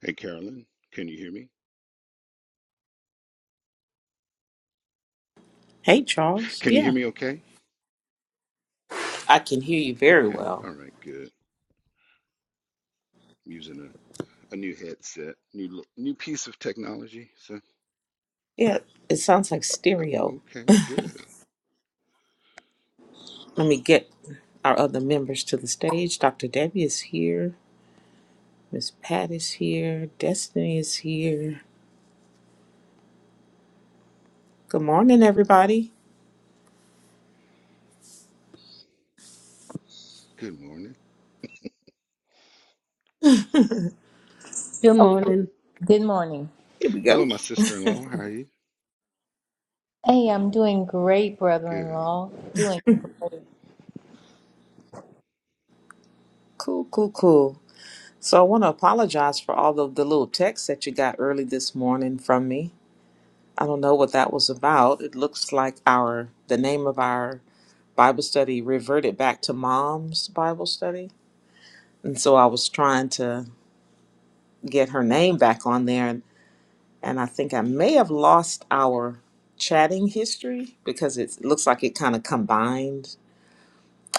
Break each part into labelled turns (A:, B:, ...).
A: Hey, Carolyn, can you hear me?
B: Hey, Charles.
A: Can you hear
B: Yeah,
A: me okay?
B: I can hear you very
A: Okay.
B: well.
A: All right, good. I'm using a, a new headset, new l- new piece of technology. So,
B: Yeah, it sounds like stereo.
A: okay, good.
B: Let me get our other members to the stage. Dr. Debbie is here. Miss Pat is here. Destiny is here. Good morning, everybody.
A: Good morning.
C: Good morning.
D: Good morning.
B: Here we
A: Hello,
B: go.
A: my sister-in-law. How are you?
D: Hey, I'm doing great, brother in
A: Good.
D: law. Doing great.
B: Cool, cool, cool. So I want to apologize for all of the little texts that you got early this morning from me. I don't know what that was about. It looks like our the name of our Bible study reverted back to Mom's Bible study, and so I was trying to get her name back on there. And, and I think I may have lost our chatting history because it's- it looks like it kind of combined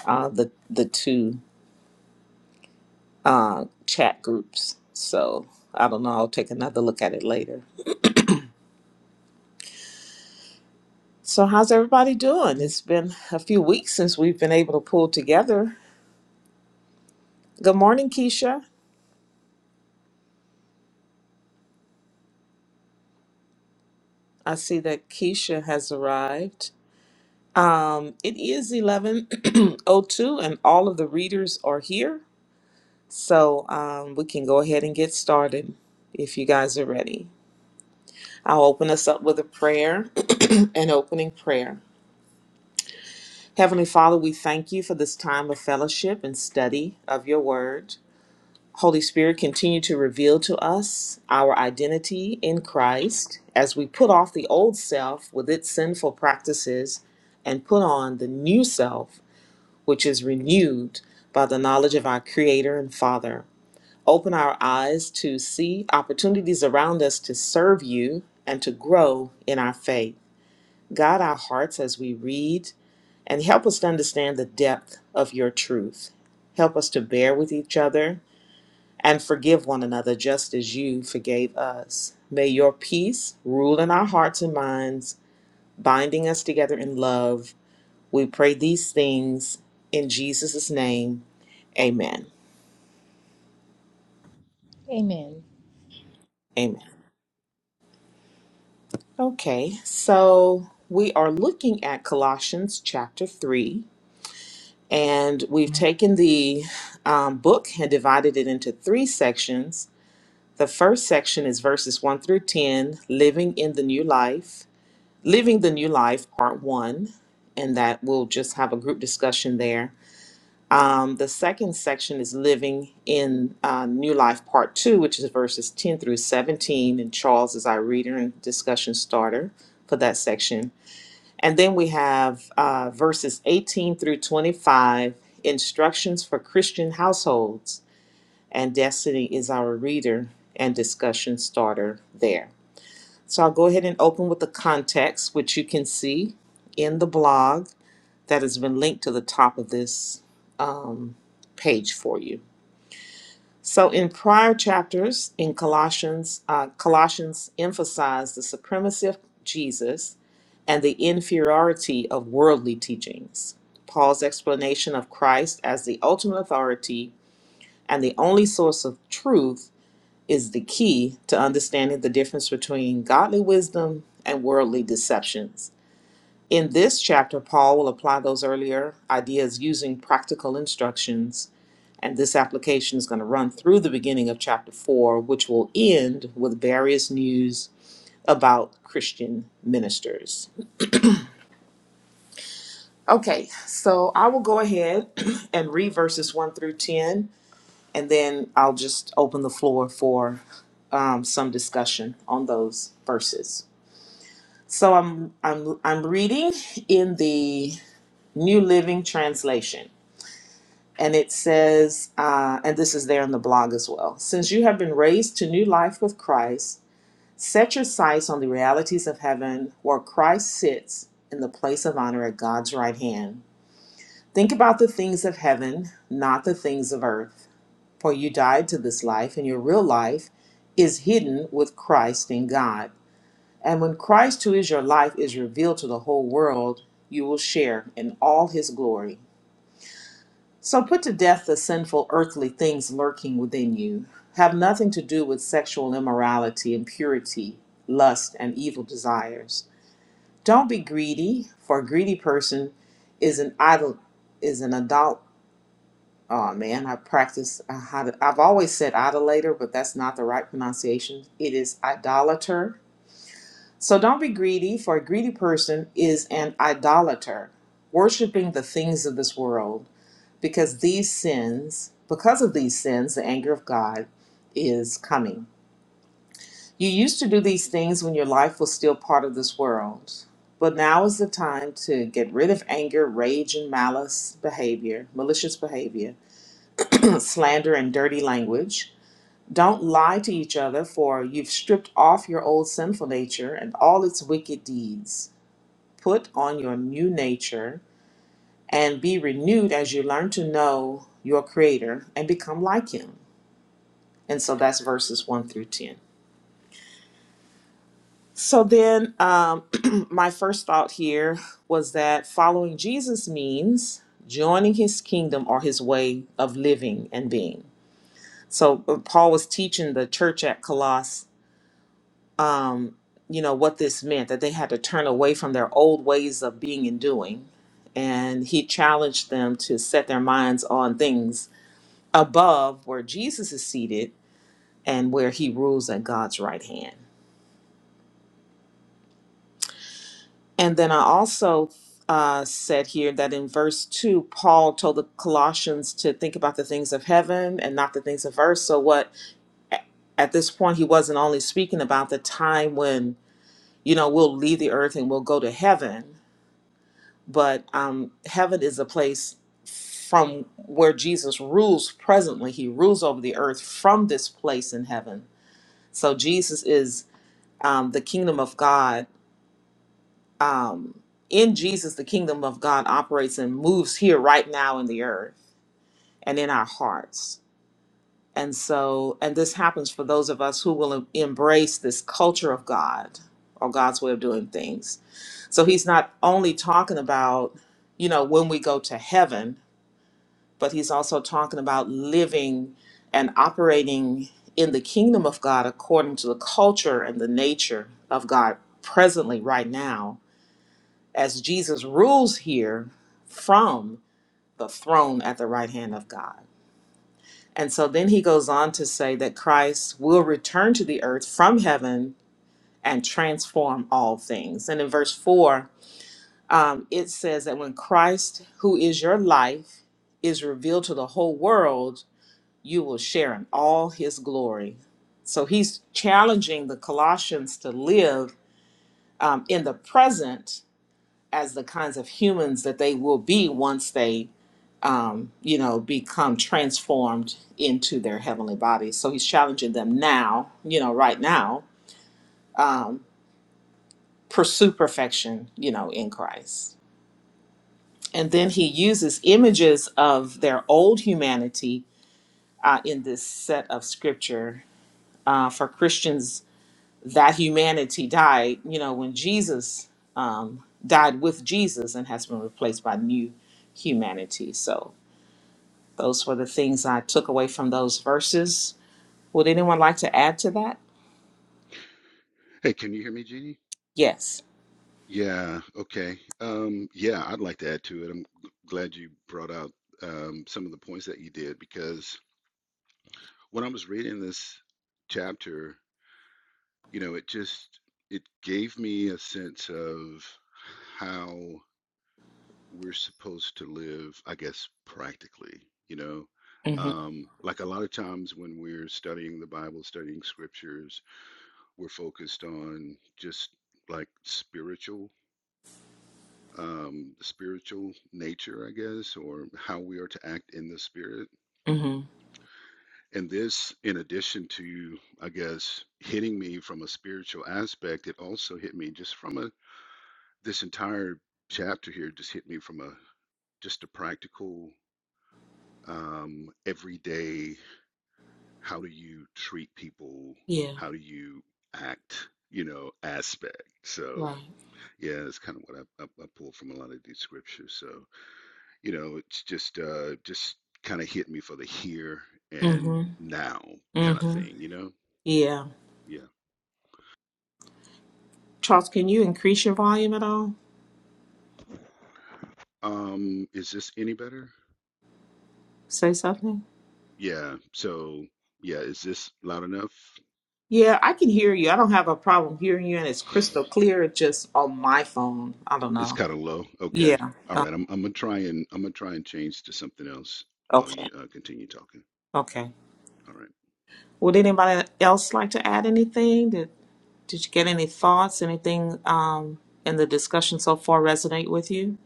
B: uh, the the two uh, chat groups. So I don't know. I'll take another look at it later. So how's everybody doing? It's been a few weeks since we've been able to pull together. Good morning, Keisha. I see that Keisha has arrived. Um, it is 11:02 and all of the readers are here. So um, we can go ahead and get started if you guys are ready. I'll open us up with a prayer, an opening prayer. Heavenly Father, we thank you for this time of fellowship and study of your word. Holy Spirit, continue to reveal to us our identity in Christ as we put off the old self with its sinful practices and put on the new self, which is renewed by the knowledge of our Creator and Father. Open our eyes to see opportunities around us to serve you and to grow in our faith. Guide our hearts as we read and help us to understand the depth of your truth. Help us to bear with each other and forgive one another just as you forgave us. May your peace rule in our hearts and minds, binding us together in love. We pray these things in Jesus' name. Amen.
D: Amen.
B: Amen. Okay, so we are looking at Colossians chapter 3, and we've taken the um, book and divided it into three sections. The first section is verses 1 through 10, Living in the New Life, Living the New Life, part 1, and that we'll just have a group discussion there. Um, the second section is Living in uh, New Life, part 2, which is verses 10 through 17, and Charles is our reader and discussion starter for that section. And then we have uh, verses 18 through 25, instructions for Christian households. And Destiny is our reader and discussion starter there. So I'll go ahead and open with the context, which you can see in the blog that has been linked to the top of this um, page for you. So in prior chapters in Colossians, uh, Colossians emphasized the supremacy of Jesus and the inferiority of worldly teachings. Paul's explanation of Christ as the ultimate authority and the only source of truth is the key to understanding the difference between godly wisdom and worldly deceptions. In this chapter, Paul will apply those earlier ideas using practical instructions, and this application is going to run through the beginning of chapter 4, which will end with various news about Christian ministers. Okay, so I will go ahead and read verses 1 through 10, and then I'll just open the floor for um, some discussion on those verses. So I'm, I'm, I'm reading in the New Living Translation, and it says, uh, and this is there in the blog as well since you have been raised to new life with Christ, set your sights on the realities of heaven where Christ sits in the place of honor at God's right hand. Think about the things of heaven, not the things of earth, for you died to this life, and your real life is hidden with Christ in God. And when Christ, who is your life, is revealed to the whole world, you will share in all his glory. So put to death the sinful earthly things lurking within you. Have nothing to do with sexual immorality, impurity, lust, and evil desires. Don't be greedy, for a greedy person is an idol is an adult Oh man, I practice uh, how to, I've always said idolater, but that's not the right pronunciation. It is idolater. So don't be greedy, for a greedy person is an idolater, worshiping the things of this world, because these sins, because of these sins, the anger of God is coming. You used to do these things when your life was still part of this world. But now is the time to get rid of anger, rage, and malice behavior, malicious behavior, slander, and dirty language Don't lie to each other, for you've stripped off your old sinful nature and all its wicked deeds. Put on your new nature and be renewed as you learn to know your Creator and become like Him. And so that's verses 1 through 10. So then, um, my first thought here was that following Jesus means joining His kingdom or His way of living and being. So uh, Paul was teaching the church at Colossae um, you know, what this meant that they had to turn away from their old ways of being and doing. And he challenged them to set their minds on things above where Jesus is seated and where he rules at God's right hand. And then I also uh, said here that in verse 2, Paul told the Colossians to think about the things of heaven and not the things of earth. So, what at this point, he wasn't only speaking about the time when, you know, we'll leave the earth and we'll go to heaven, but um, heaven is a place from where Jesus rules presently. He rules over the earth from this place in heaven. So Jesus is um, the kingdom of God. Um, in Jesus, the kingdom of God operates and moves here right now in the earth and in our hearts. And so, and this happens for those of us who will em- embrace this culture of God or God's way of doing things. So he's not only talking about, you know, when we go to heaven, but he's also talking about living and operating in the kingdom of God according to the culture and the nature of God presently, right now, as Jesus rules here from the throne at the right hand of God. And so then he goes on to say that Christ will return to the earth from heaven and transform all things. And in verse 4, um, it says that when Christ, who is your life, is revealed to the whole world, you will share in all his glory. So he's challenging the Colossians to live um, in the present as the kinds of humans that they will be once they, um, you know, become transformed into their heavenly bodies. So he's challenging them now, you know, right now, um, pursue perfection, you know, in Christ. And then he uses images of their old humanity uh, in this set of scripture uh, for Christians that humanity died, you know, when Jesus um, died with Jesus and has been replaced by new humanity. So those were the things I took away from those verses. Would anyone like to add to that?
A: Hey, can you hear me, Jeannie?
B: Yes.
A: Yeah, okay. Um, yeah, I'd like to add to it. I'm g- glad you brought out um, some of the points that you did because when I was reading this chapter, you know, it just it gave me a sense of how we're supposed to live, I guess, practically, you know?
B: Mm-hmm.
A: Um, like a lot of times when we're studying the Bible, studying scriptures, we're focused on just like spiritual, um, spiritual nature, I guess, or how we are to act in the spirit.
B: Mm-hmm.
A: And this, in addition to, I guess, hitting me from a spiritual aspect, it also hit me just from a, this entire chapter here just hit me from a, just a practical um, every day how do you treat people
B: Yeah.
A: how do you act you know aspect so
B: Right.
A: yeah that's kind of what I, I, I pulled from a lot of these scriptures so you know it's just uh just kind of hit me for the here and
B: Mm-hmm.
A: now kind of
B: Mm-hmm.
A: thing you know
B: Yeah.
A: yeah
B: Charles, can you increase your volume at all?
A: um is this any better
B: Say something.
A: yeah so yeah is this loud enough
B: Yeah, I can hear you. I don't have a problem hearing you, and it's crystal clear. It's just on my phone. I don't
A: it's
B: know.
A: kind of low okay
B: Yeah.
A: all
B: Uh,
A: right i'm, I'm gonna try and i'm gonna try and change to something else while
B: okay.
A: you uh, continue talking
B: Okay.
A: All
B: Would anybody else like to add anything? Did, did you get any thoughts? Anything um, in the discussion so far resonate with you?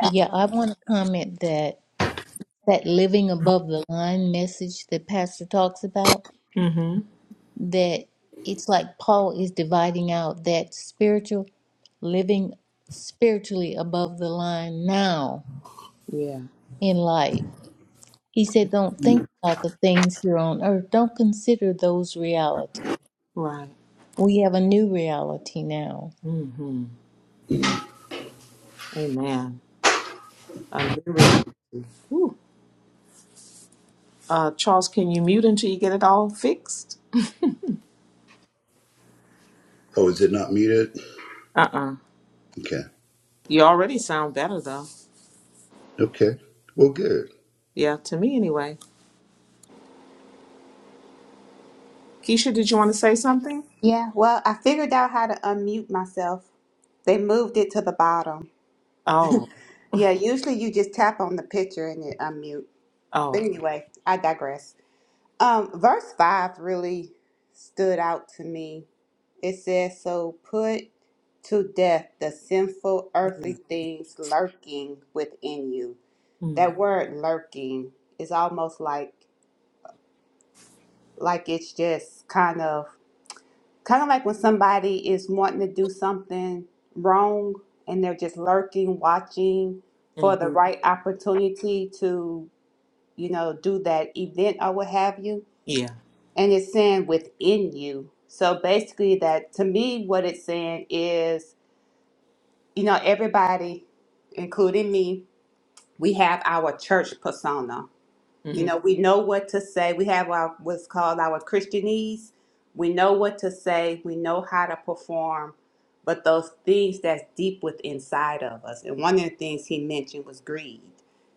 D: Yeah, I want to comment that that living above the line message that Pastor talks about,
B: Mm-hmm.
D: that it's like Paul is dividing out that spiritual living spiritually above the line now
B: Yeah.
D: in life. He said, Don't think
A: right.
D: about the things here on earth, don't consider those realities.
B: Right.
D: We have a new reality now
B: Mm-hmm. Amen. A new reality. Whew. Uh, Charles, can you mute until you get it all fixed?
A: Oh, is it not muted?
B: Uh-uh.
A: Okay.
B: You already sound better though.
A: Okay. Well, good.
B: Yeah, to me anyway. Keisha, did you want to say something?
E: Yeah, well, I figured out how to unmute myself. They moved it to the bottom.
B: Oh.
E: Yeah, usually you just tap on the picture and it unmute. But
B: Oh.
E: anyway, I digress. Um, verse 5 really stood out to me. It says, So put to death the sinful earthly
B: Okay.
E: things lurking within you.
B: Mm-hmm.
E: That word lurking is almost like like it's just kind of kind of like when somebody is wanting to do something wrong and they're just lurking, watching for the
B: Mm-hmm.
E: right opportunity to, you know, do that event or what have you.
B: Yeah.
E: And it's saying within you. So basically, that to me, what it's saying is, you know, everybody, including me, we have our church persona you
B: Mm-hmm.
E: know, we know what to say. We have our what's called our Christianese. We know what to say. We know how to perform. But those things that's deep within inside of us. And one of the things he mentioned was greed.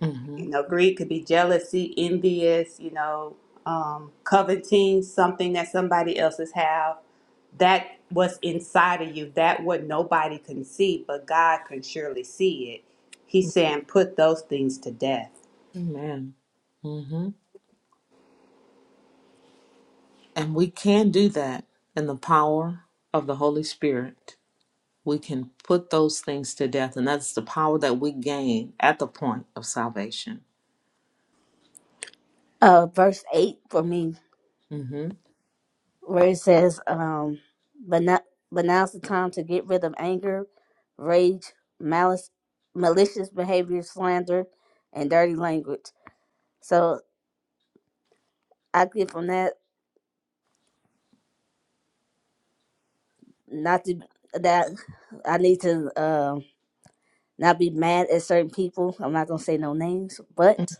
B: Mm-hmm.
E: You know, greed could be jealousy, envious, you know, um, coveting something that somebody else's have. That what's inside of you, that what nobody can see, but God can surely see it. He's saying, put those things to death
B: Amen. Mm-hmm. And we can do that in the power of the Holy Spirit. We can put those things to death, and that's the power that we gain at the point of salvation.
C: Uh, verse 8 for me,
B: hmm
C: where it says, um, but, not, but now's the time to get rid of anger, rage, malice, malicious behavior, slander, and dirty language. So I get from that not to that I need to um not be mad at certain people. I'm not gonna say no names, but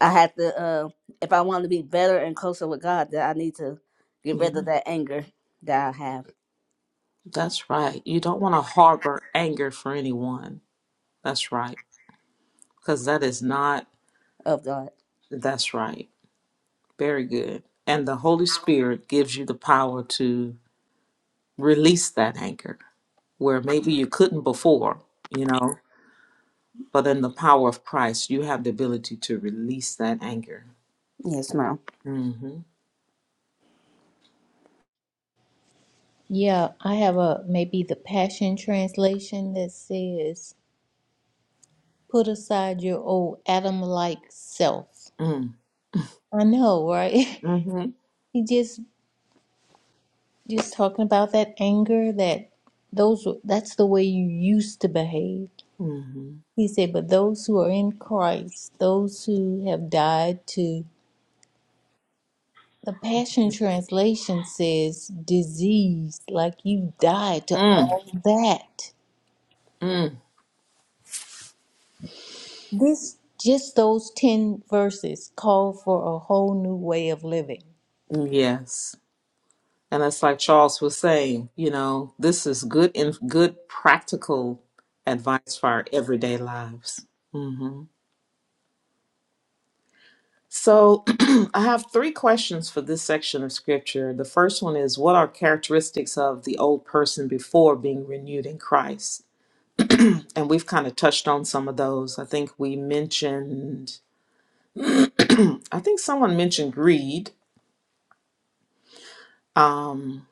C: I have to uh, if I want to be better and closer with God, then I need to get rid
B: Yeah,
C: of that anger that I have
B: that's right. You don't want to harbor anger for anyone. That's right, because that is not.
C: of God.
B: That's right. Very good. And the Holy Spirit gives you the power to release that anger where maybe you couldn't before. You know, but in the power of Christ, you have the ability to release that anger
C: Yes, ma'am.
B: Mhm.
D: Yeah, I have a maybe the Passion Translation that says, "Put aside your old Adam-like self."
B: Mm.
D: I know, right?
B: Mhm.
D: He just just talking about that anger that those that's the way you used to behave.
B: Mhm.
D: He said, "But those who are in Christ, those who have died to." The Passion Translation says, "Disease, like you died to
B: Mm,
D: all that." This just those 10 verses call for a whole new way of living.
B: mm, yes. And it's like Charles was saying, you know, this is good and good practical advice for our everyday lives. hmm So I have three questions for this section of scripture. The first one is what are characteristics of the old person before being renewed in Christ? And we've kind of touched on some of those. I think we mentioned, I think someone mentioned greed. Um,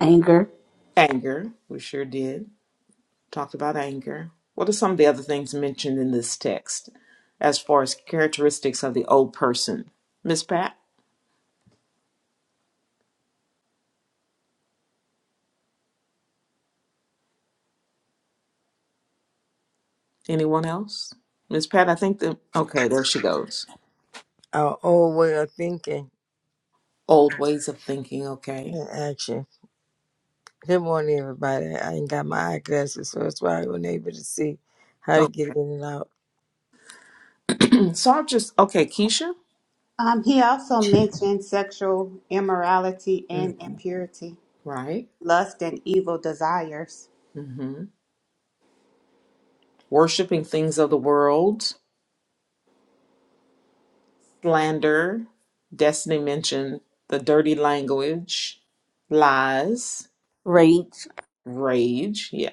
C: anger,
B: Anger, we sure did. Talked about anger. What are some of the other things mentioned in this text as far as characteristics of the old person? Miss Pat, anyone else? Miss Pat, I think that, okay, there she goes.
F: our old way of thinking
B: Old ways of thinking, okay.
F: and action. Good morning, everybody. I ain't got my eyeglasses, so that's why I wasn't able to see how to
B: Oh,
F: get in and out.
B: so I'm just, okay, Keisha?
E: Um, he also mentioned sexual immorality and
B: Mhm.
E: impurity,
B: Right.
E: lust and evil desires.
B: hmm Worshipping things of the world, slander, Destiny mentioned the dirty language, lies,
C: rage.
B: rage. yeah.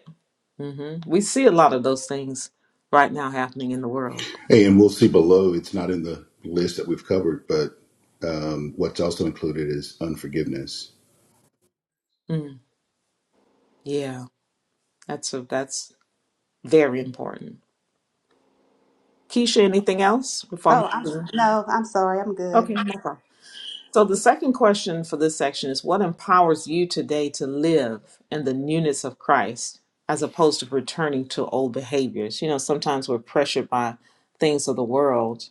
B: hmm We see a lot of those things right now happening in the world.
A: Hey, and we'll see below. It's not in the list that we've covered, but um, what's also included is unforgiveness.
B: Mm. Yeah, that's a, that's very important. Keisha, anything else before I move
E: Oh, I'm
B: to-
E: no, I'm sorry, I'm good.
B: Okay, no problem. So the second question for this section is: What empowers you today to live in the newness of Christ, as opposed to returning to old behaviors? You know, sometimes we're pressured by things of the world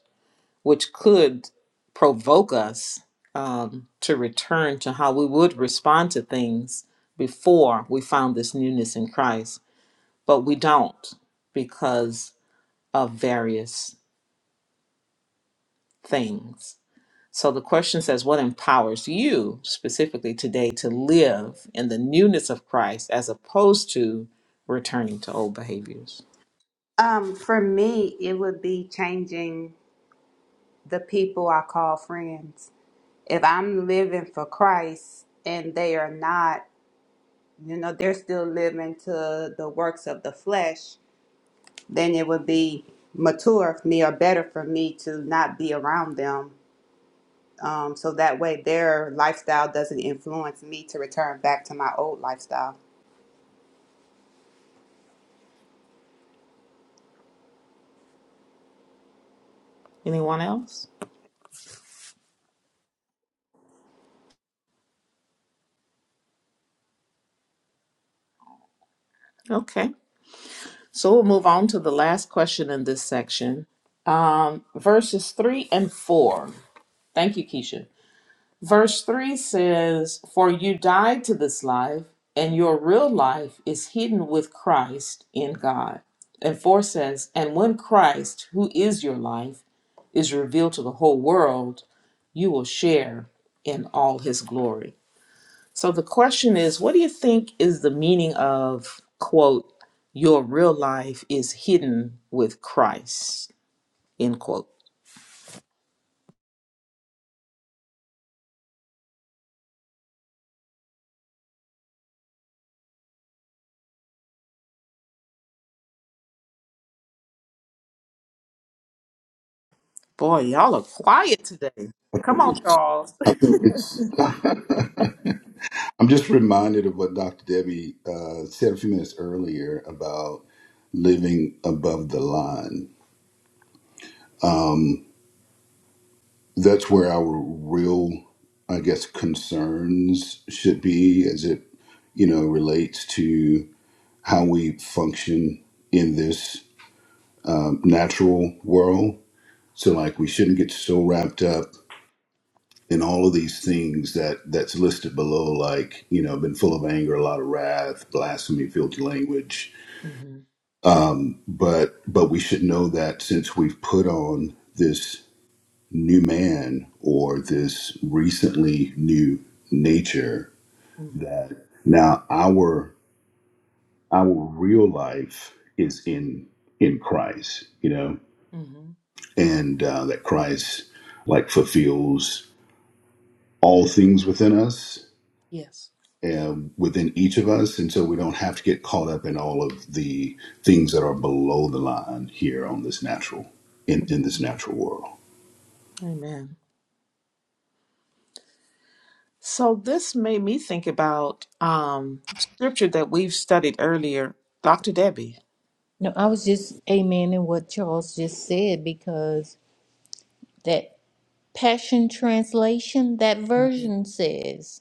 B: which could provoke us um, to return to how we would respond to things before we found this newness in Christ, but we don't because of various things. So the question says, What empowers you specifically today to live in the newness of Christ as opposed to returning to old behaviors?
E: Um, for me, it would be changing the people I call friends. If I'm living for Christ and they are not, you know, they're still living to the works of the flesh, then it would be mature for me or better for me to not be around them Um, so that way their lifestyle doesn't influence me to return back to my old lifestyle.
B: Anyone else? Okay. So we'll move on to the last question in this section. Um, verses 3 and 4. Thank you, Keisha. Verse 3 says, For you died to this life, and your real life is hidden with Christ in God. And 4 says, And when Christ, who is your life, is revealed to the whole world, you will share in all his glory. So the question is, what do you think is the meaning of quote your real life is hidden with Christ end quote? Boy, y'all are quiet today. Come on, Charles.
A: I think it's. I'm just reminded of what Dr. Debbie uh, said a few minutes earlier about living above the line. Um, that's where our real, I guess, concerns should be as it, you know, relates to how we function in this um, natural world. So like we shouldn't get so wrapped up in all of these things that that's listed below, like you know, been full of anger, a lot of wrath, blasphemy, filthy language.
B: hmm
A: Um, but but we should know that since we've put on this new man or this recently new nature,
B: hmm
A: that now our our real life is in in Christ. You know,
B: hmm
A: and uh, that Christ like fulfills all things within us
B: Yes.
A: and within each of us, and so we don't have to get caught up in all of the things that are below the line here on this natural in, in this natural world.
B: Amen. So this made me think about um, scripture that we've studied earlier, Dr. Debbie.
D: No, I was just amening what Charles just said because that Passion Translation, that version says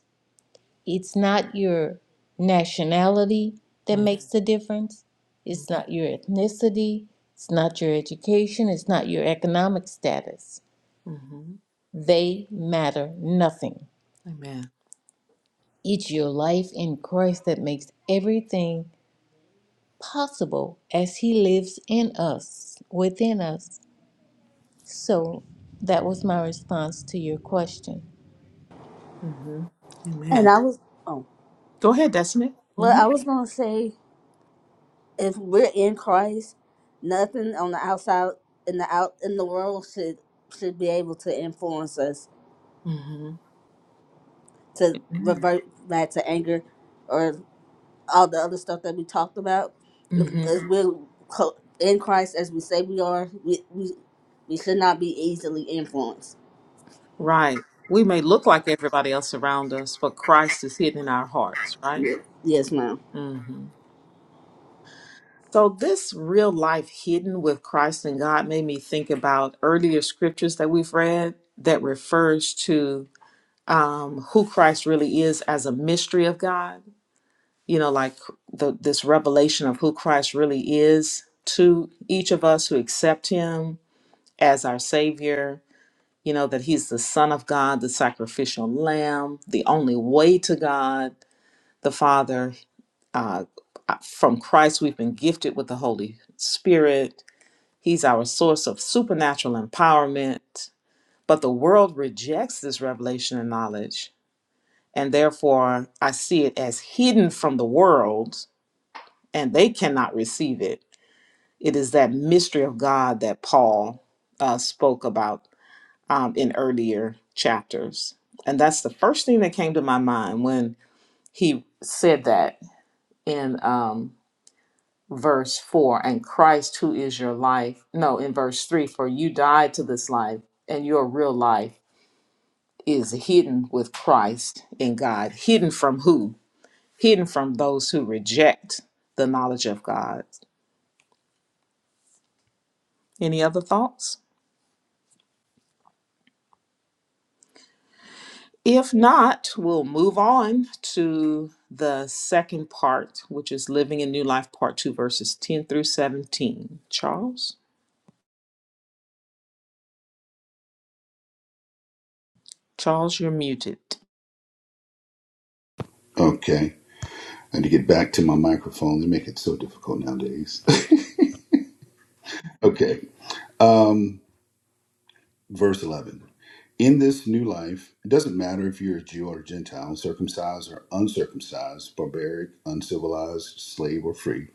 D: it's not your nationality that
B: hmm
D: makes the difference, it's not your ethnicity, it's not your education, it's not your economic status.
B: hmm
D: They matter nothing.
B: Amen.
D: It's your life in Christ that makes everything possible as he lives in us, within us. So that was my response to your question.
B: hmm
C: And
B: Amen.
C: I was, oh,
B: Go ahead, Destiny.
C: well,
B: hmm
C: I was gonna say, if we're in Christ, nothing on the outside in the out in the world should should be able to influence us
B: hmm
C: to revert back to anger or all the other stuff that we talked about. If,
B: Amen.
C: if we're co- in Christ as we say we are, we we, we should not be easily influenced.
B: Right. We may look like everybody else around us, but Christ is hidden in our hearts, right?
C: Yes, ma'am.
B: hmm So, this real life hidden with Christ and God made me think about earlier scriptures that we've read that refers to um, who Christ really is as a mystery of God. You know, like the, this revelation of who Christ really is to each of us who accept Him as our Savior you know, that he's the Son of God, the sacrificial lamb, the only way to God, the Father. Uh, uh, from Christ, we've been gifted with the Holy Spirit. He's our source of supernatural empowerment. But the world rejects this revelation and knowledge, and therefore I see it as hidden from the world, and they cannot receive it. It is that mystery of God that Paul uh, spoke about um, in earlier chapters. And that's the first thing that came to my mind when he said that in um, verse 4 and Christ, who is your life. No, in verse 3 for you died to this life, and your real life is hidden with Christ in God. Hidden from who? Hidden from those who reject the knowledge of God. Any other thoughts? If not, we'll move on to the second part, which is Living a New Life, Part 2, verses 10 through 17. Charles? Charles, you're muted.
A: Okay, I need to get back to my microphone. They make it so difficult nowadays. okay, um, verse eleven. In this new life, it doesn't matter if you're a Jew or a Gentile, circumcised or uncircumcised, barbaric, uncivilized, slave or free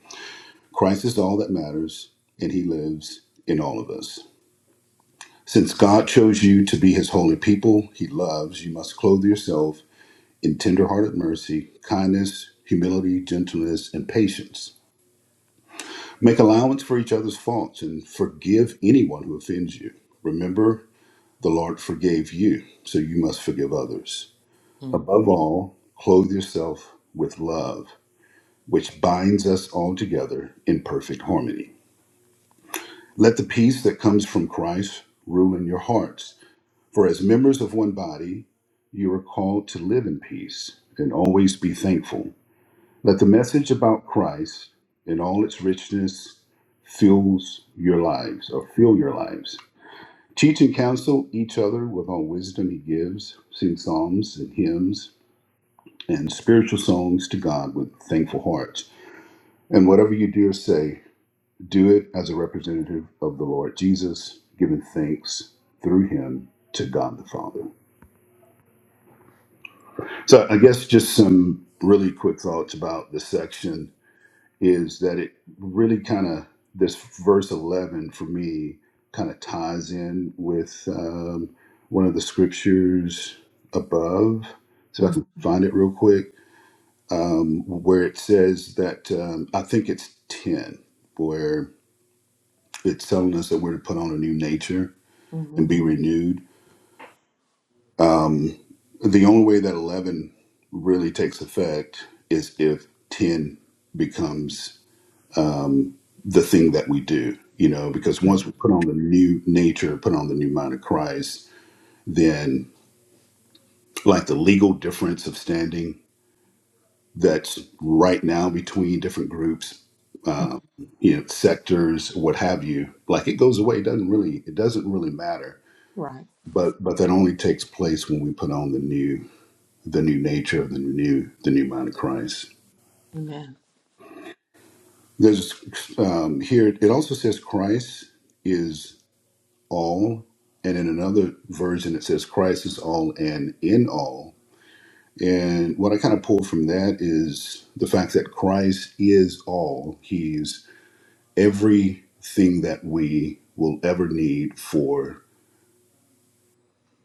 A: Christ is all that matters, and He lives in all of us. Since God chose you to be His holy people He loves, you must clothe yourself in tender-hearted mercy, kindness, humility, gentleness, and patience. Make allowance for each other's faults and forgive anyone who offends you. Remember, the Lord forgave you, so you must forgive others.
B: Mm.
A: Above all, clothe yourself with love, which binds us all together in perfect harmony. Let the peace that comes from Christ rule in your hearts. For as members of one body, you are called to live in peace and always be thankful. Let the message about Christ in all its richness fills your lives or fill your lives. Teach and counsel each other with all wisdom he gives. Sing psalms and hymns and spiritual songs to God with thankful hearts. And whatever you do or say, Do it as a representative of the Lord Jesus, giving thanks through him to God the Father. So, I guess just some really quick thoughts about this section is that it really kind of, this verse 11 for me kind of ties in with um, one of the scriptures above. So, if I
B: Mhm.
A: can find it real quick, um, where it says that um, I think it's 10, where it's telling us that we're to put on a new nature and
B: Mhm.
A: be renewed. Um, the only way that 11 really takes effect is if 10 becomes um, the thing that we do, you know, because
B: Mm.
A: once we put on the new nature, put on the new mind of Christ, then like the legal difference of standing that's right now between different groups,
B: Mm.
A: um, you know, sectors, what have you, like it goes away. It doesn't really, it doesn't really matter.
B: Right.
A: But but that only takes place when we put on the new the new nature of the new the new man of Christ.
B: Amen.
A: There's um, here it also says Christ is all, and in another version it says Christ is all and in all. And what I kind of pull from that is the fact that Christ is all. He's everything that we will ever need for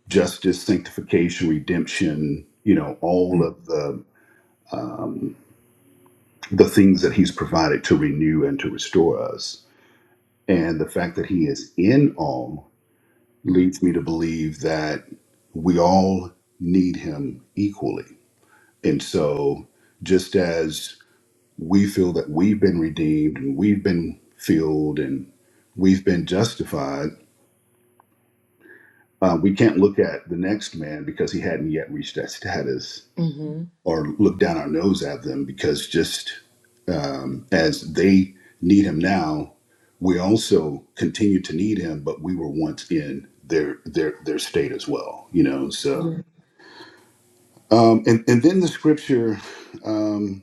A: justice, sanctification, redemption. You know, all
B: Mm.
A: of the um, the things that He's provided to renew and to restore us And the fact that he is in all
B: mm,
A: leads me to believe that we all need him equally. And so, just as we feel that we've been redeemed and we've been filled and we've been justified, uh, we can't look at the next man because he hadn't yet reached that status
B: Mhm.
A: or look down our nose at them because just um, as they need him now, we also continue to need him, but we were once in their their their state as well, you know. So
B: Yeah.
A: um, and and then the scripture, um,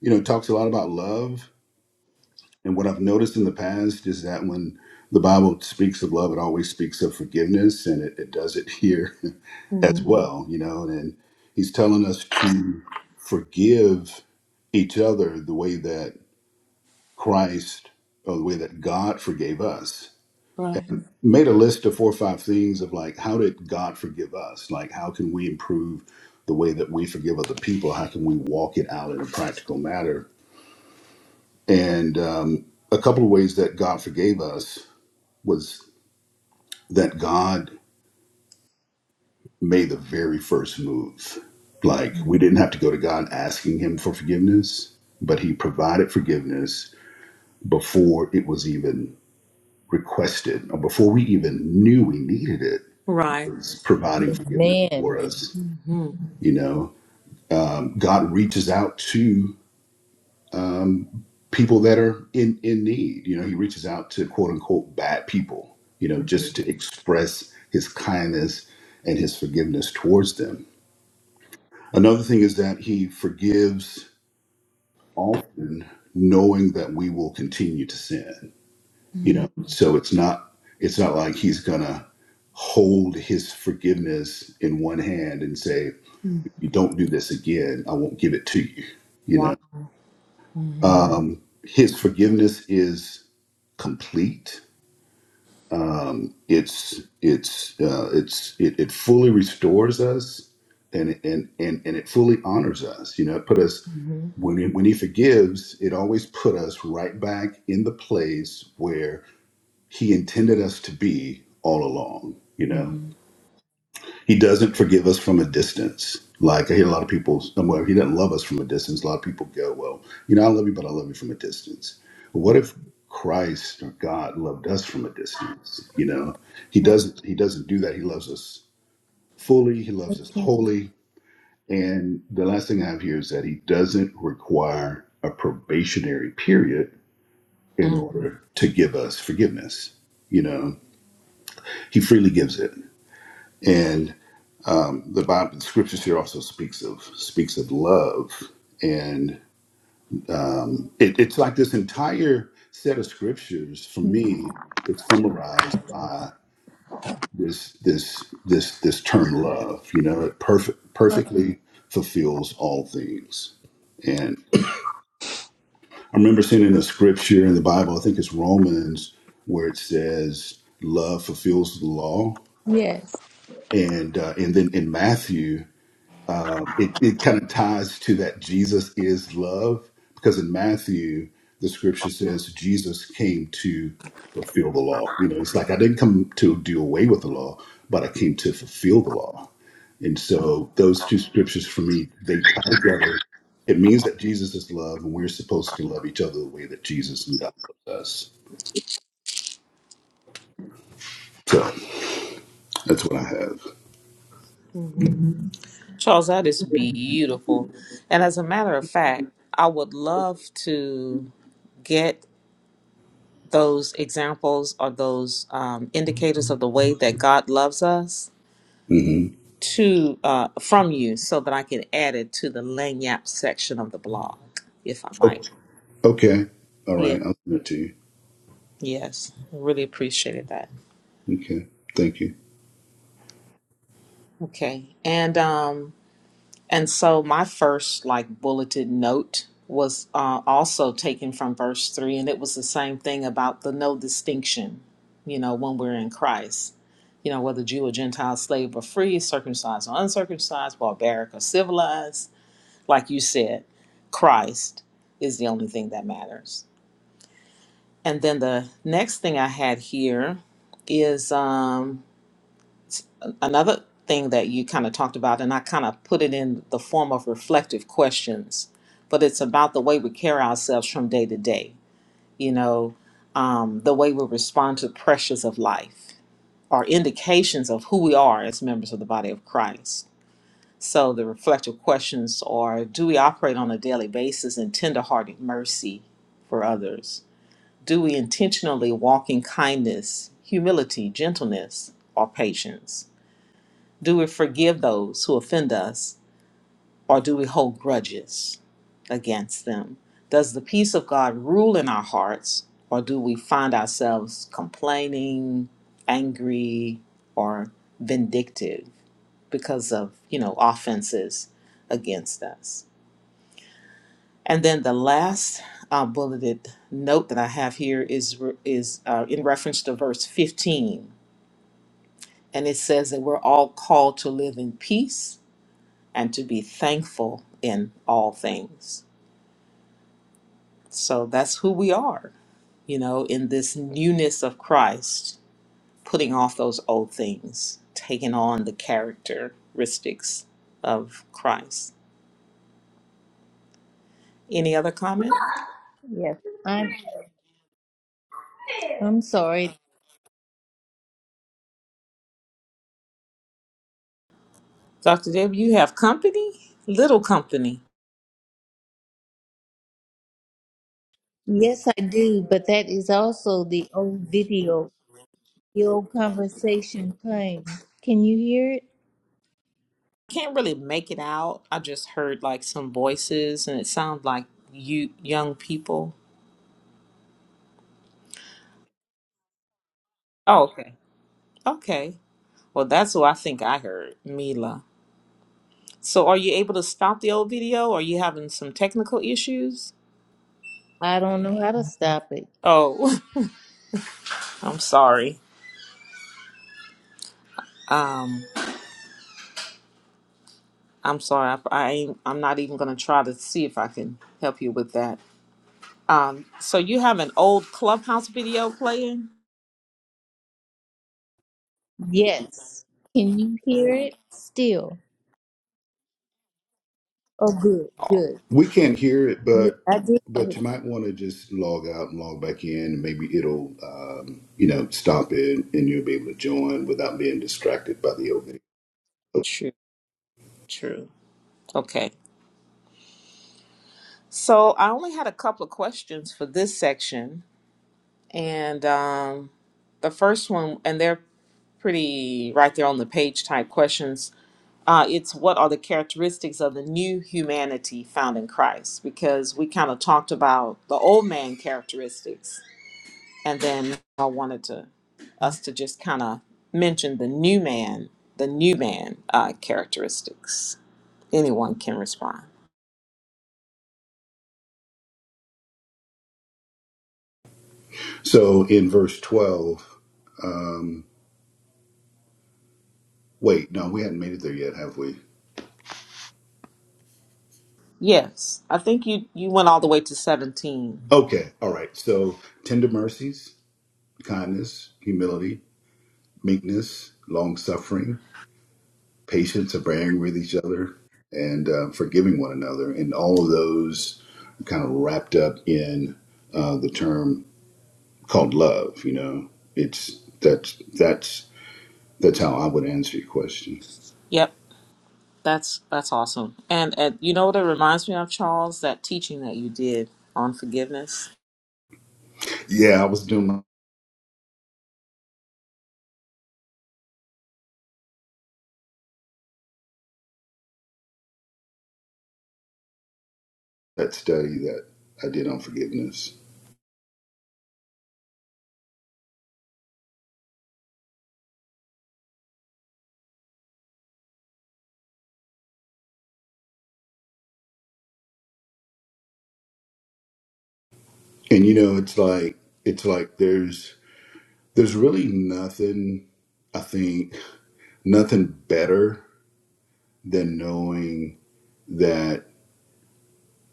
A: you know, talks a lot about love. And what I've noticed in the past is that when the Bible speaks of love, it always speaks of forgiveness, and it, it does it here
B: Mhm.
A: as well, you know. And he's telling us to forgive each other the way that Christ or the way that God forgave us.
B: Right.
A: Made a list of four or five things of like, how did God forgive us? Like, how can we improve the way that we forgive other people? How can we walk it out in a practical matter? And um, a couple of ways that God forgave us was that God made the very first move. Like, we didn't have to go to God asking Him for forgiveness, but He provided forgiveness before it was even requested or before we even knew we needed it
B: Right.
A: was providing forgiveness for
D: Amen.
A: us
B: Mm-hmm.
A: you know um, god reaches out to um, people that are in in need you know he reaches out to quote unquote bad people you know just to express his kindness and his forgiveness towards them another thing is that he forgives often knowing that we will continue to sin you
B: Mm-hmm.
A: know so it's not it's not like he's gonna hold his forgiveness in one hand and say
B: Mm-hmm.
A: if you don't do this again i won't give it to you you
B: Wow.
A: know
B: Mm-hmm.
A: um his forgiveness is complete um it's it's uh it's it, it fully restores us and and and and it fully honors us you know it put us
B: Mm-hmm.
A: when he, when he forgives it always put us right back in the place where he intended us to be all along. You know,
B: Mm-hmm.
A: he doesn't forgive us from a distance. Like I hear a lot of people, well, he doesn't love us from a distance. A lot of people go, well, you know, I love you, but I love you from a distance. But What if Christ or God loved us from a distance? You know, he doesn't. He doesn't do that. He loves us fully. He loves us wholly. And the last thing I have here is that he doesn't require a probationary period in
B: Mm-hmm.
A: order to give us forgiveness. You know, he freely gives it and um, the Bible, the scriptures here also speaks of speaks of love, and um, it, it's like this entire set of scriptures for me. It's summarized by this this this this term love. You know, it perfect perfectly fulfills all things. And I remember seeing in a scripture in the Bible, I think it's Romans, where it says love fulfills the law,
D: Yes,
A: and uh, and then in Matthew um, it, it kind of ties to that Jesus is love because in Matthew, the scripture says Jesus came to fulfill the law. You know, it's like I didn't come to do away with the law, but I came to fulfill the law. And so those two scriptures for me, they tie together. It means that Jesus is love and we're supposed to love each other the way that Jesus and God loves us. So that's what I have.
B: Mm-hmm. Charles, that is beautiful. And as a matter of fact, I would love to get those examples or those um, indicators of the way that God loves us
A: hmm
B: to uh, from you so that I can add it to the Lanyap section of the blog, if I
A: Oh,
B: might.
A: okay. All
B: Yeah.
A: right. I'll send it to you.
B: Yes. Really appreciated that.
A: Okay. Thank you.
B: Okay. And um And so my first like bulleted note was uh, also taken from verse 3 and it was the same thing about the no distinction, you know, when we're in Christ. You know, whether Jew or Gentile, slave or free, circumcised or uncircumcised, barbaric or civilized, like you said, Christ is the only thing that matters. And then the next thing I had here is um, another thing that you kind of talked about, and I kind of put it in the form of reflective questions, but it's about the way we carry ourselves from day to day, you know, um, the way we respond to pressures of life are indications of who we are as members of the body of Christ. So the reflective questions are do we operate on a daily basis in tenderhearted mercy for others? Do we intentionally walk in kindness, humility, gentleness, or patience? Do we forgive those who offend us, or do we hold grudges against them? Does the peace of God rule in our hearts, or do we find ourselves complaining, angry, or vindictive because of you know offenses against us? And then the last uh, bulleted note that I have here is re- is uh, in reference to verse 15, and it says that we're all called to live in peace and to be thankful in all things. So that's who we are, you know, in this newness of Christ, putting off those old things, taking on the characteristics of Christ. Any other comment?
D: yes. I'm I'm sorry.
B: Dr. Deb, you have company? Little company.
D: Yes, I do, but that is also the old video, the old conversation playing. Can you hear it?
B: Can't really make it out. I just heard like some voices and it sounded like you young people. Oh, okay. Okay. Well, that's who I think I heard, Mila. So are you able to stop the old video? Are you having some technical issues?
D: I don't know how to stop it.
B: Oh, I'm sorry. Um, I'm sorry. I, I I'm not even gonna try to see if I can help you with that. Um, so you have an old clubhouse video playing?
D: Yes. Can you hear it still? Oh, good,
B: Oh,
D: good,
A: We can't hear it,
D: good.
A: but
D: I
A: but
D: did.
A: you might want to just log out and log back in. Maybe it'll um, you know stop it, and you'll be able to join without being distracted by the opening.
B: true, true. Okay. So I only had a couple of questions for this section, and um, the first one, and they're pretty right there on the page type questions uh, it's what are the characteristics of the new humanity found in Christ? Because we kind of talked about the old man characteristics, and then I wanted to us to just kind of mention the new man, the new man uh, characteristics. Anyone can respond.
A: So in verse twelve, um, wait, no, we hadn't made it there yet, have we?
B: Yes, I think you you went all the way to seventeen.
A: Okay, all right. So tender mercies, kindness, humility, meekness, long suffering. patience of bearing with each other and uh, forgiving one another. And all of those are kind of wrapped up in uh, the term called love. You know, it's that's that's that's how I would answer your question.
B: Yep, that's that's awesome. And, and you know what it reminds me of, Charles, that teaching that you did on forgiveness
A: Yeah, I was doing that study that I did on forgiveness, and you know, it's like it's like there's there's really nothing I think nothing better than knowing that.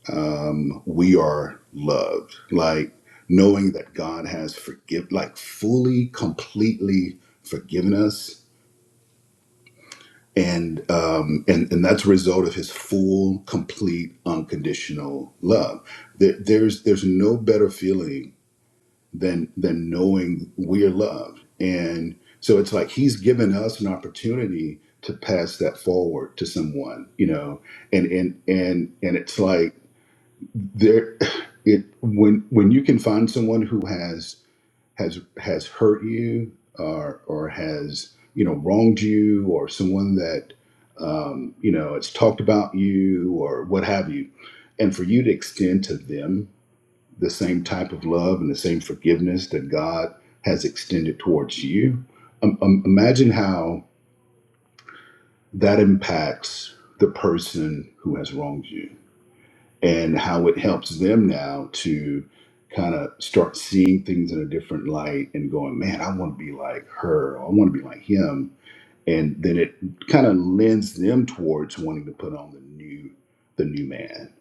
A: um, we are loved. Like knowing that God has forgive, like fully, completely forgiven us, and um, and and that's a result of His full, complete, unconditional love. There, there's there's no better feeling than than knowing we are loved, and so it's like He's given us an opportunity to pass that forward to someone, you know, and and and and it's like there it when when you can find someone who has has has hurt you or or has you know wronged you or someone that um, you know it's talked about you or what have you and for you to extend to them the same type of love and the same forgiveness that god has extended towards you um, um, imagine how that impacts the person who has wronged you and how it helps them now to kind of start seeing things in a different light and going, man, I want to be like her, or I want to be like him, and then it kind of lends them towards wanting to put on the new, the new man,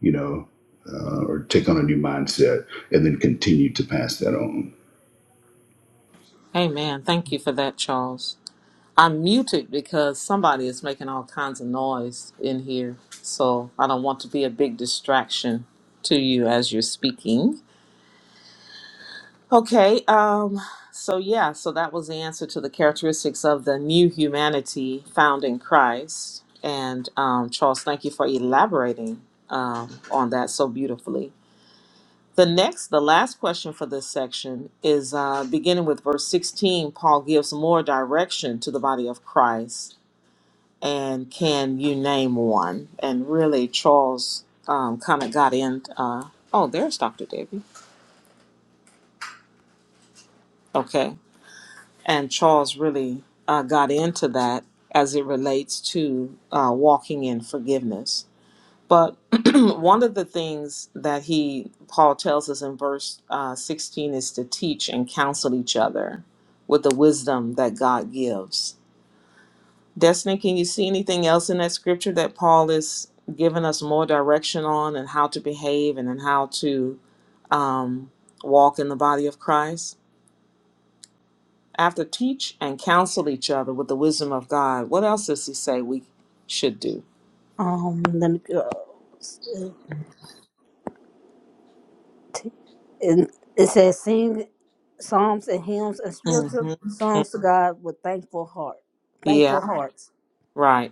A: you know, uh, or take on a new mindset, and then continue to pass that on.
B: Amen. Thank you for that, Charles. I'm muted because somebody is making all kinds of noise in here. So I don't want to be a big distraction to you as you're speaking. Okay, um, so yeah, so that was the answer to the characteristics of the new humanity found in Christ. And um, Charles, thank you for elaborating um, on that so beautifully. The next, the last question for this section is uh, beginning with verse 16. Paul gives more direction to the body of Christ. And can you name one? And really, Charles um, kind of got in. Uh, oh, there's Dr. Debbie. Okay. And Charles really uh, got into that as it relates to uh, walking in forgiveness. But one of the things that he, Paul tells us in verse uh, 16, is to teach and counsel each other with the wisdom that God gives. Destiny, can you see anything else in that scripture that Paul is giving us more direction on and how to behave and then how to um, walk in the body of Christ? After teach and counsel each other with the wisdom of God, what else does he say we should do?
C: Um, let me go. And it says, sing psalms and hymns and spiritual
B: hmm
C: songs to God with thankful heart,
B: Yeah,
C: thankful hearts.
B: right.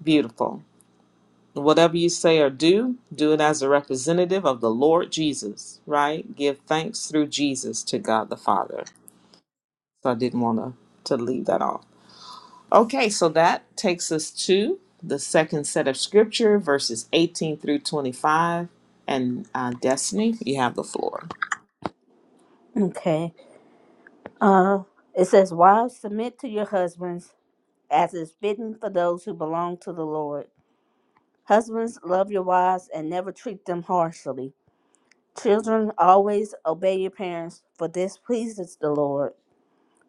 B: Beautiful. Whatever you say or do, do it as a representative of the Lord Jesus, right? Give thanks through Jesus to God the Father. So I didn't want to, to leave that off. Okay, so that takes us to the second set of scripture, verses 18 through 25. And uh, Destiny, you have the floor.
C: Okay. Uh, it says, wives submit to your husbands as is fitting for those who belong to the Lord. Husbands love your wives and never treat them harshly. Children always obey your parents, for this pleases the Lord.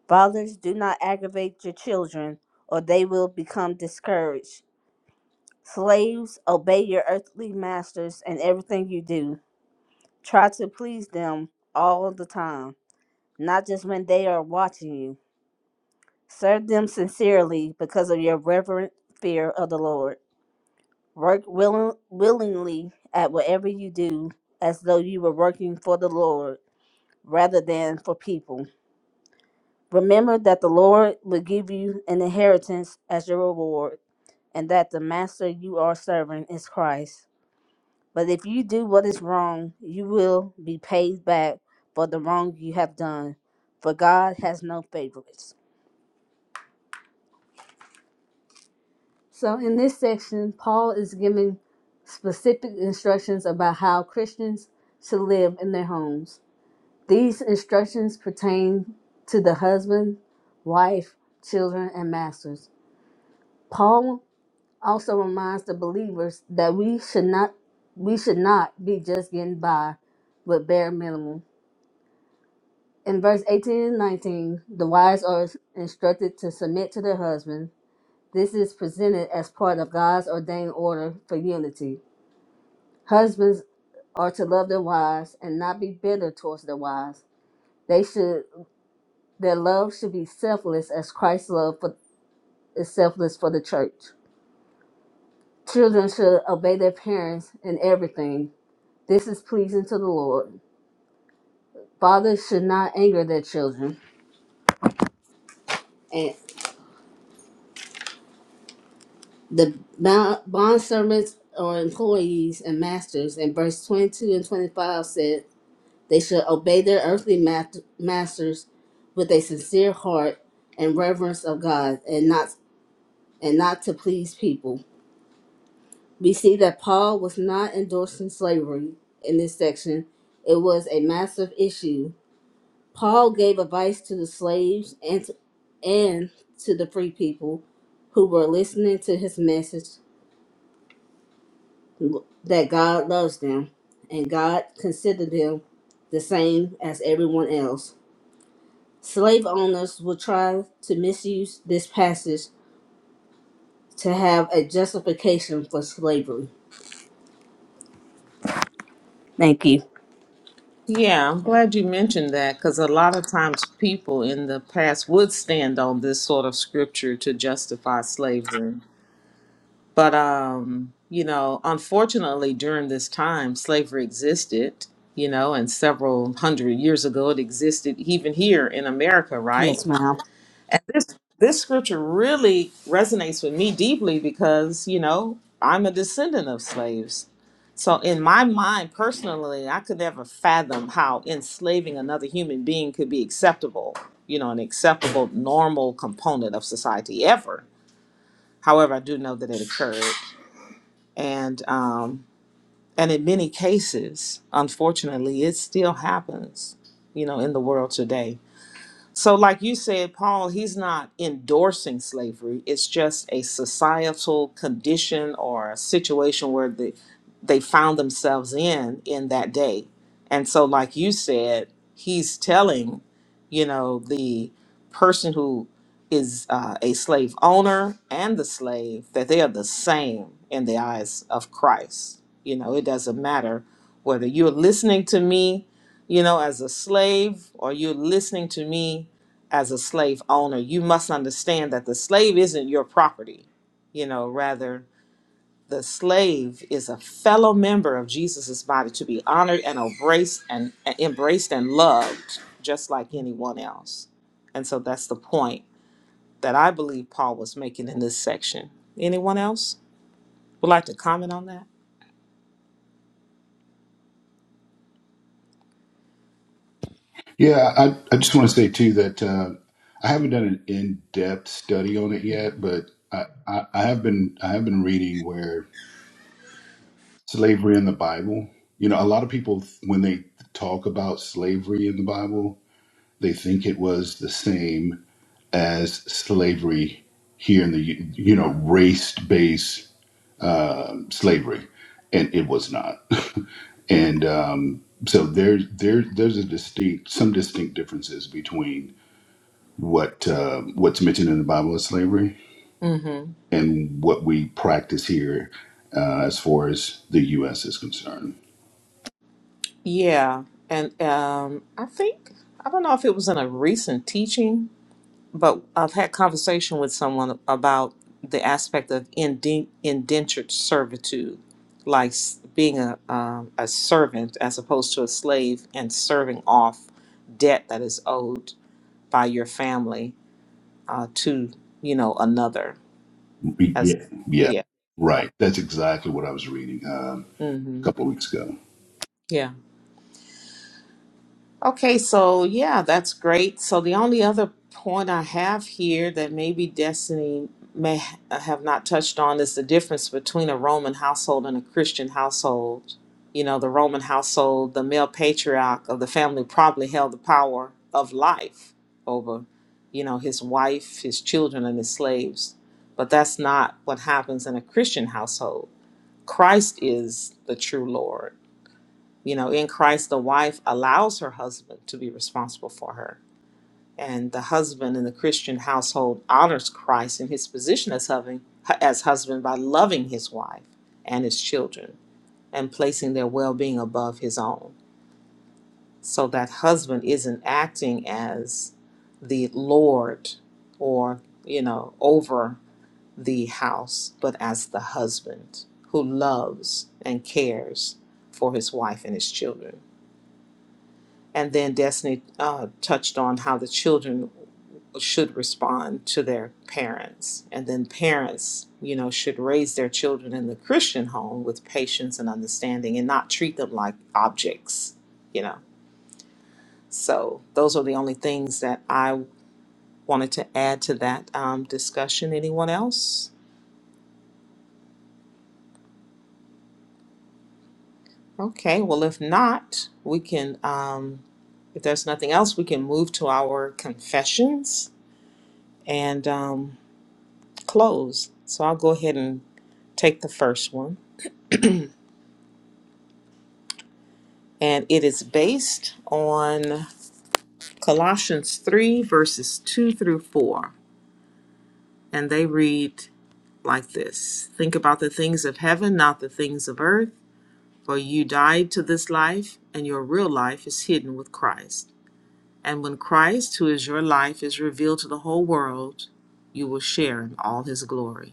C: Fathers do not aggravate your children, or they will become discouraged. Slaves, obey your earthly masters in everything you do. Try to please them all the time, not just when they are watching you. Serve them sincerely because of your reverent fear of the Lord. Work willing, willingly at whatever you do as though you were working for the Lord rather than for people. Remember that the Lord will give you an inheritance as your reward, and that the master you are serving is Christ. But if you do what is wrong, you will be paid back for the wrong you have done, for God has no favorites. So, in this section, Paul is giving specific instructions about how Christians should live in their homes. These instructions pertain to the husband, wife, children, and masters. Paul also reminds the believers that we should not we should not be just getting by with bare minimum In verse 18 and 19, the wives are instructed to submit to their husband. This is presented as part of God's ordained order for unity. Husbands are to love their wives and not be bitter towards their wives. They should their love should be selfless as Christ's love for, is selfless for the church. Children should obey their parents in everything. This is pleasing to the Lord. Fathers should not anger their children. and the bo- bond servants or employees and masters in verse 22 and 25 said they should obey their earthly mat- masters with a sincere heart and reverence of god and not and not to please people we see that paul was not endorsing slavery in this section it was a massive issue paul gave advice to the slaves and to, and to the free people who were listening to his message that God loves them and God considered them the same as everyone else. Slave owners will try to misuse this passage to have a justification for slavery. Thank you.
B: Yeah, I'm glad you mentioned that because a lot of times people in the past would stand on this sort of scripture to justify slavery. But um, you know, unfortunately, during this time, slavery existed. You know, and several hundred years ago, it existed even here in America, right?
C: Yes, ma'am.
B: And this this scripture really resonates with me deeply because you know I'm a descendant of slaves. So in my mind, personally, I could never fathom how enslaving another human being could be acceptable. You know, an acceptable, normal component of society ever. However, I do know that it occurred and um, and in many cases, unfortunately, it still happens, you know, in the world today. So, like you said, Paul, he's not endorsing slavery. It's just a societal condition or a situation where the, they found themselves in in that day. And so, like you said, he's telling, you know, the person who is uh, a slave owner and the slave that they are the same in the eyes of Christ. You know, it doesn't matter whether you're listening to me you know, as a slave, or you're listening to me as a slave owner, you must understand that the slave isn't your property, you know, rather, the slave is a fellow member of Jesus's body to be honored and embraced and embraced and loved just like anyone else. And so that's the point that I believe Paul was making in this section. Anyone else would like to comment on that?
A: Yeah, I, I just want to say too that uh, I haven't done an in-depth study on it yet, but I, I, I have been I have been reading where slavery in the Bible. You know, a lot of people, when they talk about slavery in the Bible, they think it was the same as slavery here in the, you know, race based uh, slavery. And it was not. And um, so there, there, there's a distinct, some distinct differences between what uh, what's mentioned in the Bible as slavery
B: Mm-hmm.
A: and what we practice here uh, as far as the U.S. is concerned.
B: Yeah, and um, I think I don't know if it was in a recent teaching, but I've had conversation with someone about the aspect of inden- indentured servitude, like s- being a um, a servant as opposed to a slave, and serving off debt that is owed by your family uh, to you know another. As
A: Yeah, yeah,
B: yeah,
A: right. That's exactly what I was reading um, a
B: mm-hmm.
A: couple of weeks ago.
B: yeah. Okay, so yeah, that's great. So the only other point I have here that maybe Destiny may ha- have not touched on is the difference between a Roman household and a Christian household. You know, the Roman household, the male patriarch of the family probably held the power of life over, you know, his wife, his children, and his slaves. But that's not what happens in a Christian household. Christ is the true Lord you know, in Christ, the wife allows her husband to be responsible for her. And the husband in the Christian household honors Christ in his position as, having, as husband by loving his wife and his children and placing their well being above his own. So that husband isn't acting as the Lord or, you know, over the house, but as the husband who loves and cares for his wife and his children. And then Destiny uh, touched on how the children should respond to their parents. And then parents, you know, should raise their children in the Christian home with patience and understanding and not treat them like objects, you know. So those are the only things that I wanted to add to that um, discussion. Anyone else? Okay, well, if not, we can, um, if there's nothing else, we can move to our confessions. And um, close. So I'll go ahead and take the first one. And it is based on Colossians 3, verses 2 through 4. And they read like this Think about the things of heaven, not the things of earth. For you died to this life, and your real life is hidden with Christ. And when Christ, who is your life, is revealed to the whole world, you will share in all his glory.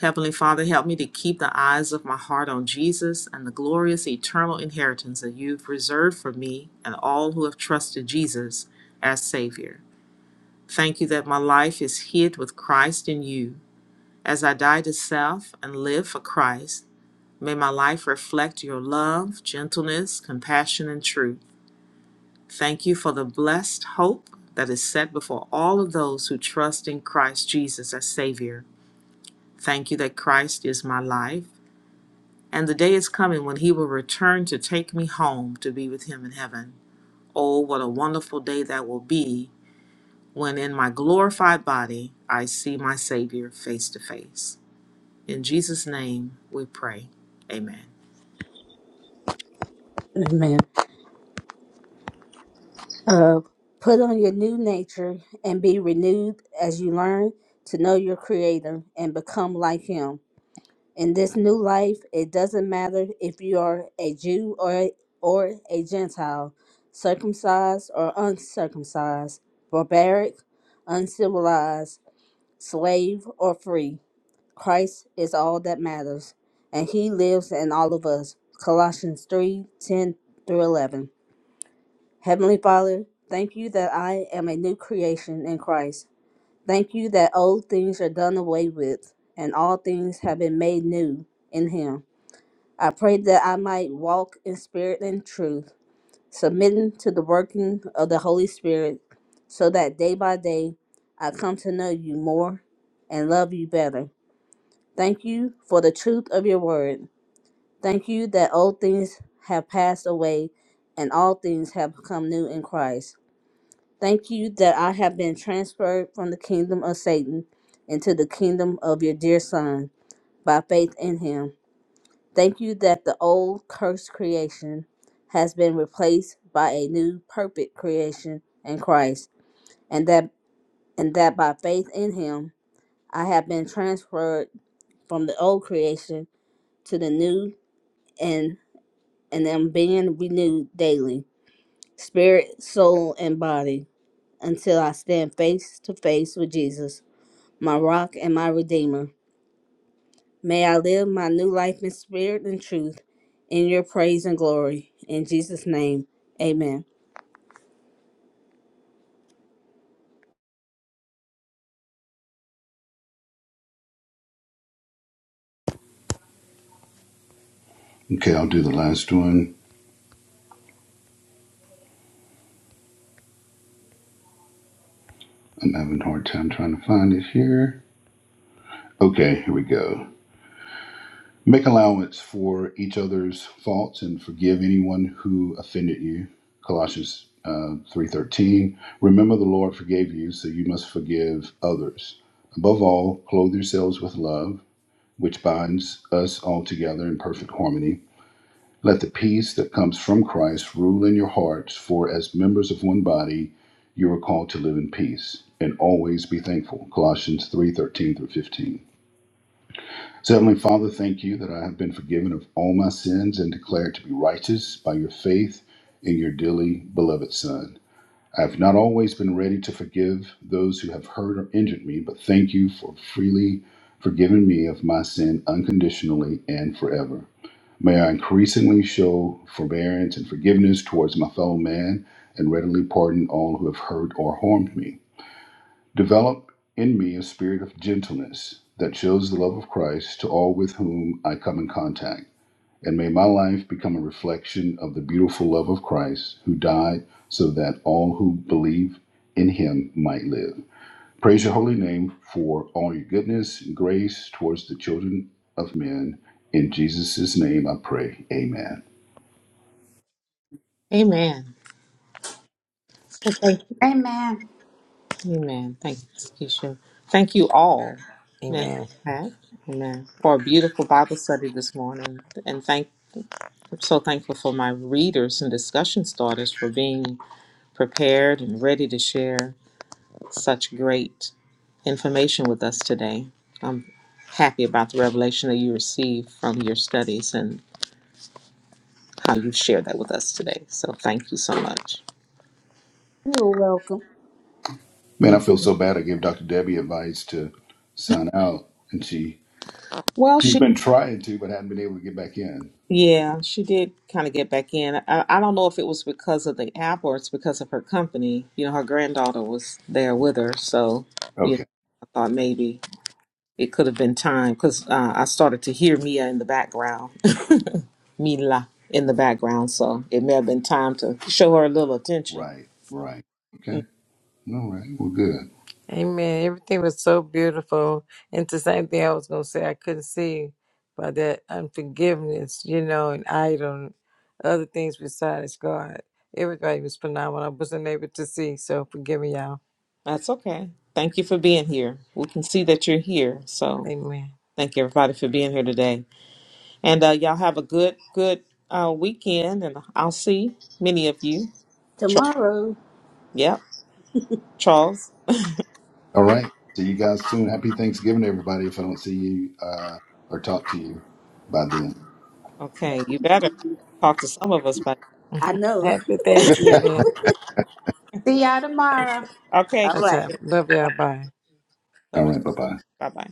B: Heavenly Father, help me to keep the eyes of my heart on Jesus and the glorious eternal inheritance that you've reserved for me and all who have trusted Jesus as Savior. Thank you that my life is hid with Christ in you. As I die to self and live for Christ, May my life reflect your love, gentleness, compassion, and truth. Thank you for the blessed hope that is set before all of those who trust in Christ Jesus as Savior. Thank you that Christ is my life And the day is coming when he will return to take me home to be with him in heaven. Oh, what a wonderful day that will be when in my glorified body I see my Savior face to face. In Jesus' name we pray. Amen.
C: Amen. Uh, put on your new nature and be renewed as you learn to know your Creator and become like Him. In this new life, it doesn't matter if you are a Jew or or a Gentile, circumcised or uncircumcised, barbaric, uncivilized, slave or free. Christ is all that matters, and he lives in all of us. Colossians 3 10 through 11. Heavenly Father, thank you that I am a new creation in Christ. Thank you that old things are done away with, and all things have been made new in him. I pray that I might walk in spirit and truth, submitting to the working of the Holy Spirit, so that day by day I come to know you more and love you better. Thank you for the truth of your word. Thank you that old things have passed away and all things have become new in Christ. Thank you that I have been transferred from the kingdom of Satan into the kingdom of your dear Son by faith in him. Thank you that the old cursed creation has been replaced by a new perfect creation in Christ, and that and that by faith in him I have been transferred from the old creation to the new and and am being renewed daily, spirit, soul, and body, until I stand face to face with Jesus, my rock and my redeemer. May I live my new life in spirit and truth in your praise and glory. In Jesus' name, amen.
A: Okay, I'll do the last one. I'm having a hard time trying to find it here. Okay, here we go. Make allowance for each other's faults and forgive anyone who offended you. Colossians uh, 3.13. Remember the Lord forgave you, so you must forgive others. Above all, clothe yourselves with love, which binds us all together in perfect harmony. Let the peace that comes from Christ rule in your hearts, for as members of one body, you are called to live in peace and always be thankful. Colossians 3 13 through 15. So, Heavenly Father, thank you that I have been forgiven of all my sins and declared to be righteous by your faith in your dearly beloved Son. I have not always been ready to forgive those who have hurt or injured me, but thank you for freely forgiving me of my sin unconditionally and forever. May I increasingly show forbearance and forgiveness towards my fellow man and readily pardon all who have hurt or harmed me. Develop in me a spirit of gentleness that shows the love of Christ to all with whom I come in contact. And may my life become a reflection of the beautiful love of Christ who died so that all who believe in him might live. Praise your holy name for all your goodness and grace towards the children of men. In Jesus' name I pray. Amen.
B: Amen. So thank you.
E: Amen.
B: Amen. Thank you, Miss Keisha. Thank you all. Amen.
F: Amen.
B: Pat. Amen. For a beautiful Bible study this morning. And thank I'm so thankful for my readers and discussion starters for being prepared and ready to share. such great information with us today. I'm happy about the revelation that you received from your studies and how you shared that with us today. So thank you so much.
C: You're welcome.
A: Man,
B: Hmm.
A: I feel so bad. I gave Dr. Debbie advice to sign out, and she
B: Well,
A: she's
B: she,
A: been trying to, but hadn't been able to get back in.
B: yeah, she did kind of get back in. I, I don't know if it was because of the app or it's because of her company. You know, her granddaughter was there with her. So, you know,
A: Okay,
B: I thought maybe it could have been time because uh, I started to hear Mia in the background Mila in the background, so it may have been time to show her a little attention.
A: right, right. Okay, all right. Well, good.
F: Amen. Everything was so beautiful. And it's the same thing I was going to say, I couldn't see by that unforgiveness, you know, and idol, other things besides God. Everybody was phenomenal. I wasn't able to see, so forgive me, y'all.
B: That's okay. Thank you for being here. We can see that you're here, so
F: Amen.
B: thank you everybody for being here today. And uh, y'all have a good, good uh, weekend, and I'll see many of you. Charles,
C: Tomorrow,
B: yep, Charles.
A: All right. See you
B: Oh,
A: guys soon. Happy Thanksgiving, everybody. If I don't see you uh, or talk to you by then.
B: Okay, you better talk to some of us, buddy.
C: I know.
F: Happy Thanksgiving.
E: See y'all
F: Thank
E: tomorrow.
F: you.
B: Okay,
C: All
F: That's
C: right.
F: all.
B: Keisha.
F: Love
B: Bye.
F: y'all. Bye.
A: all
B: Love you.
A: right. Bye bye.
B: Bye bye.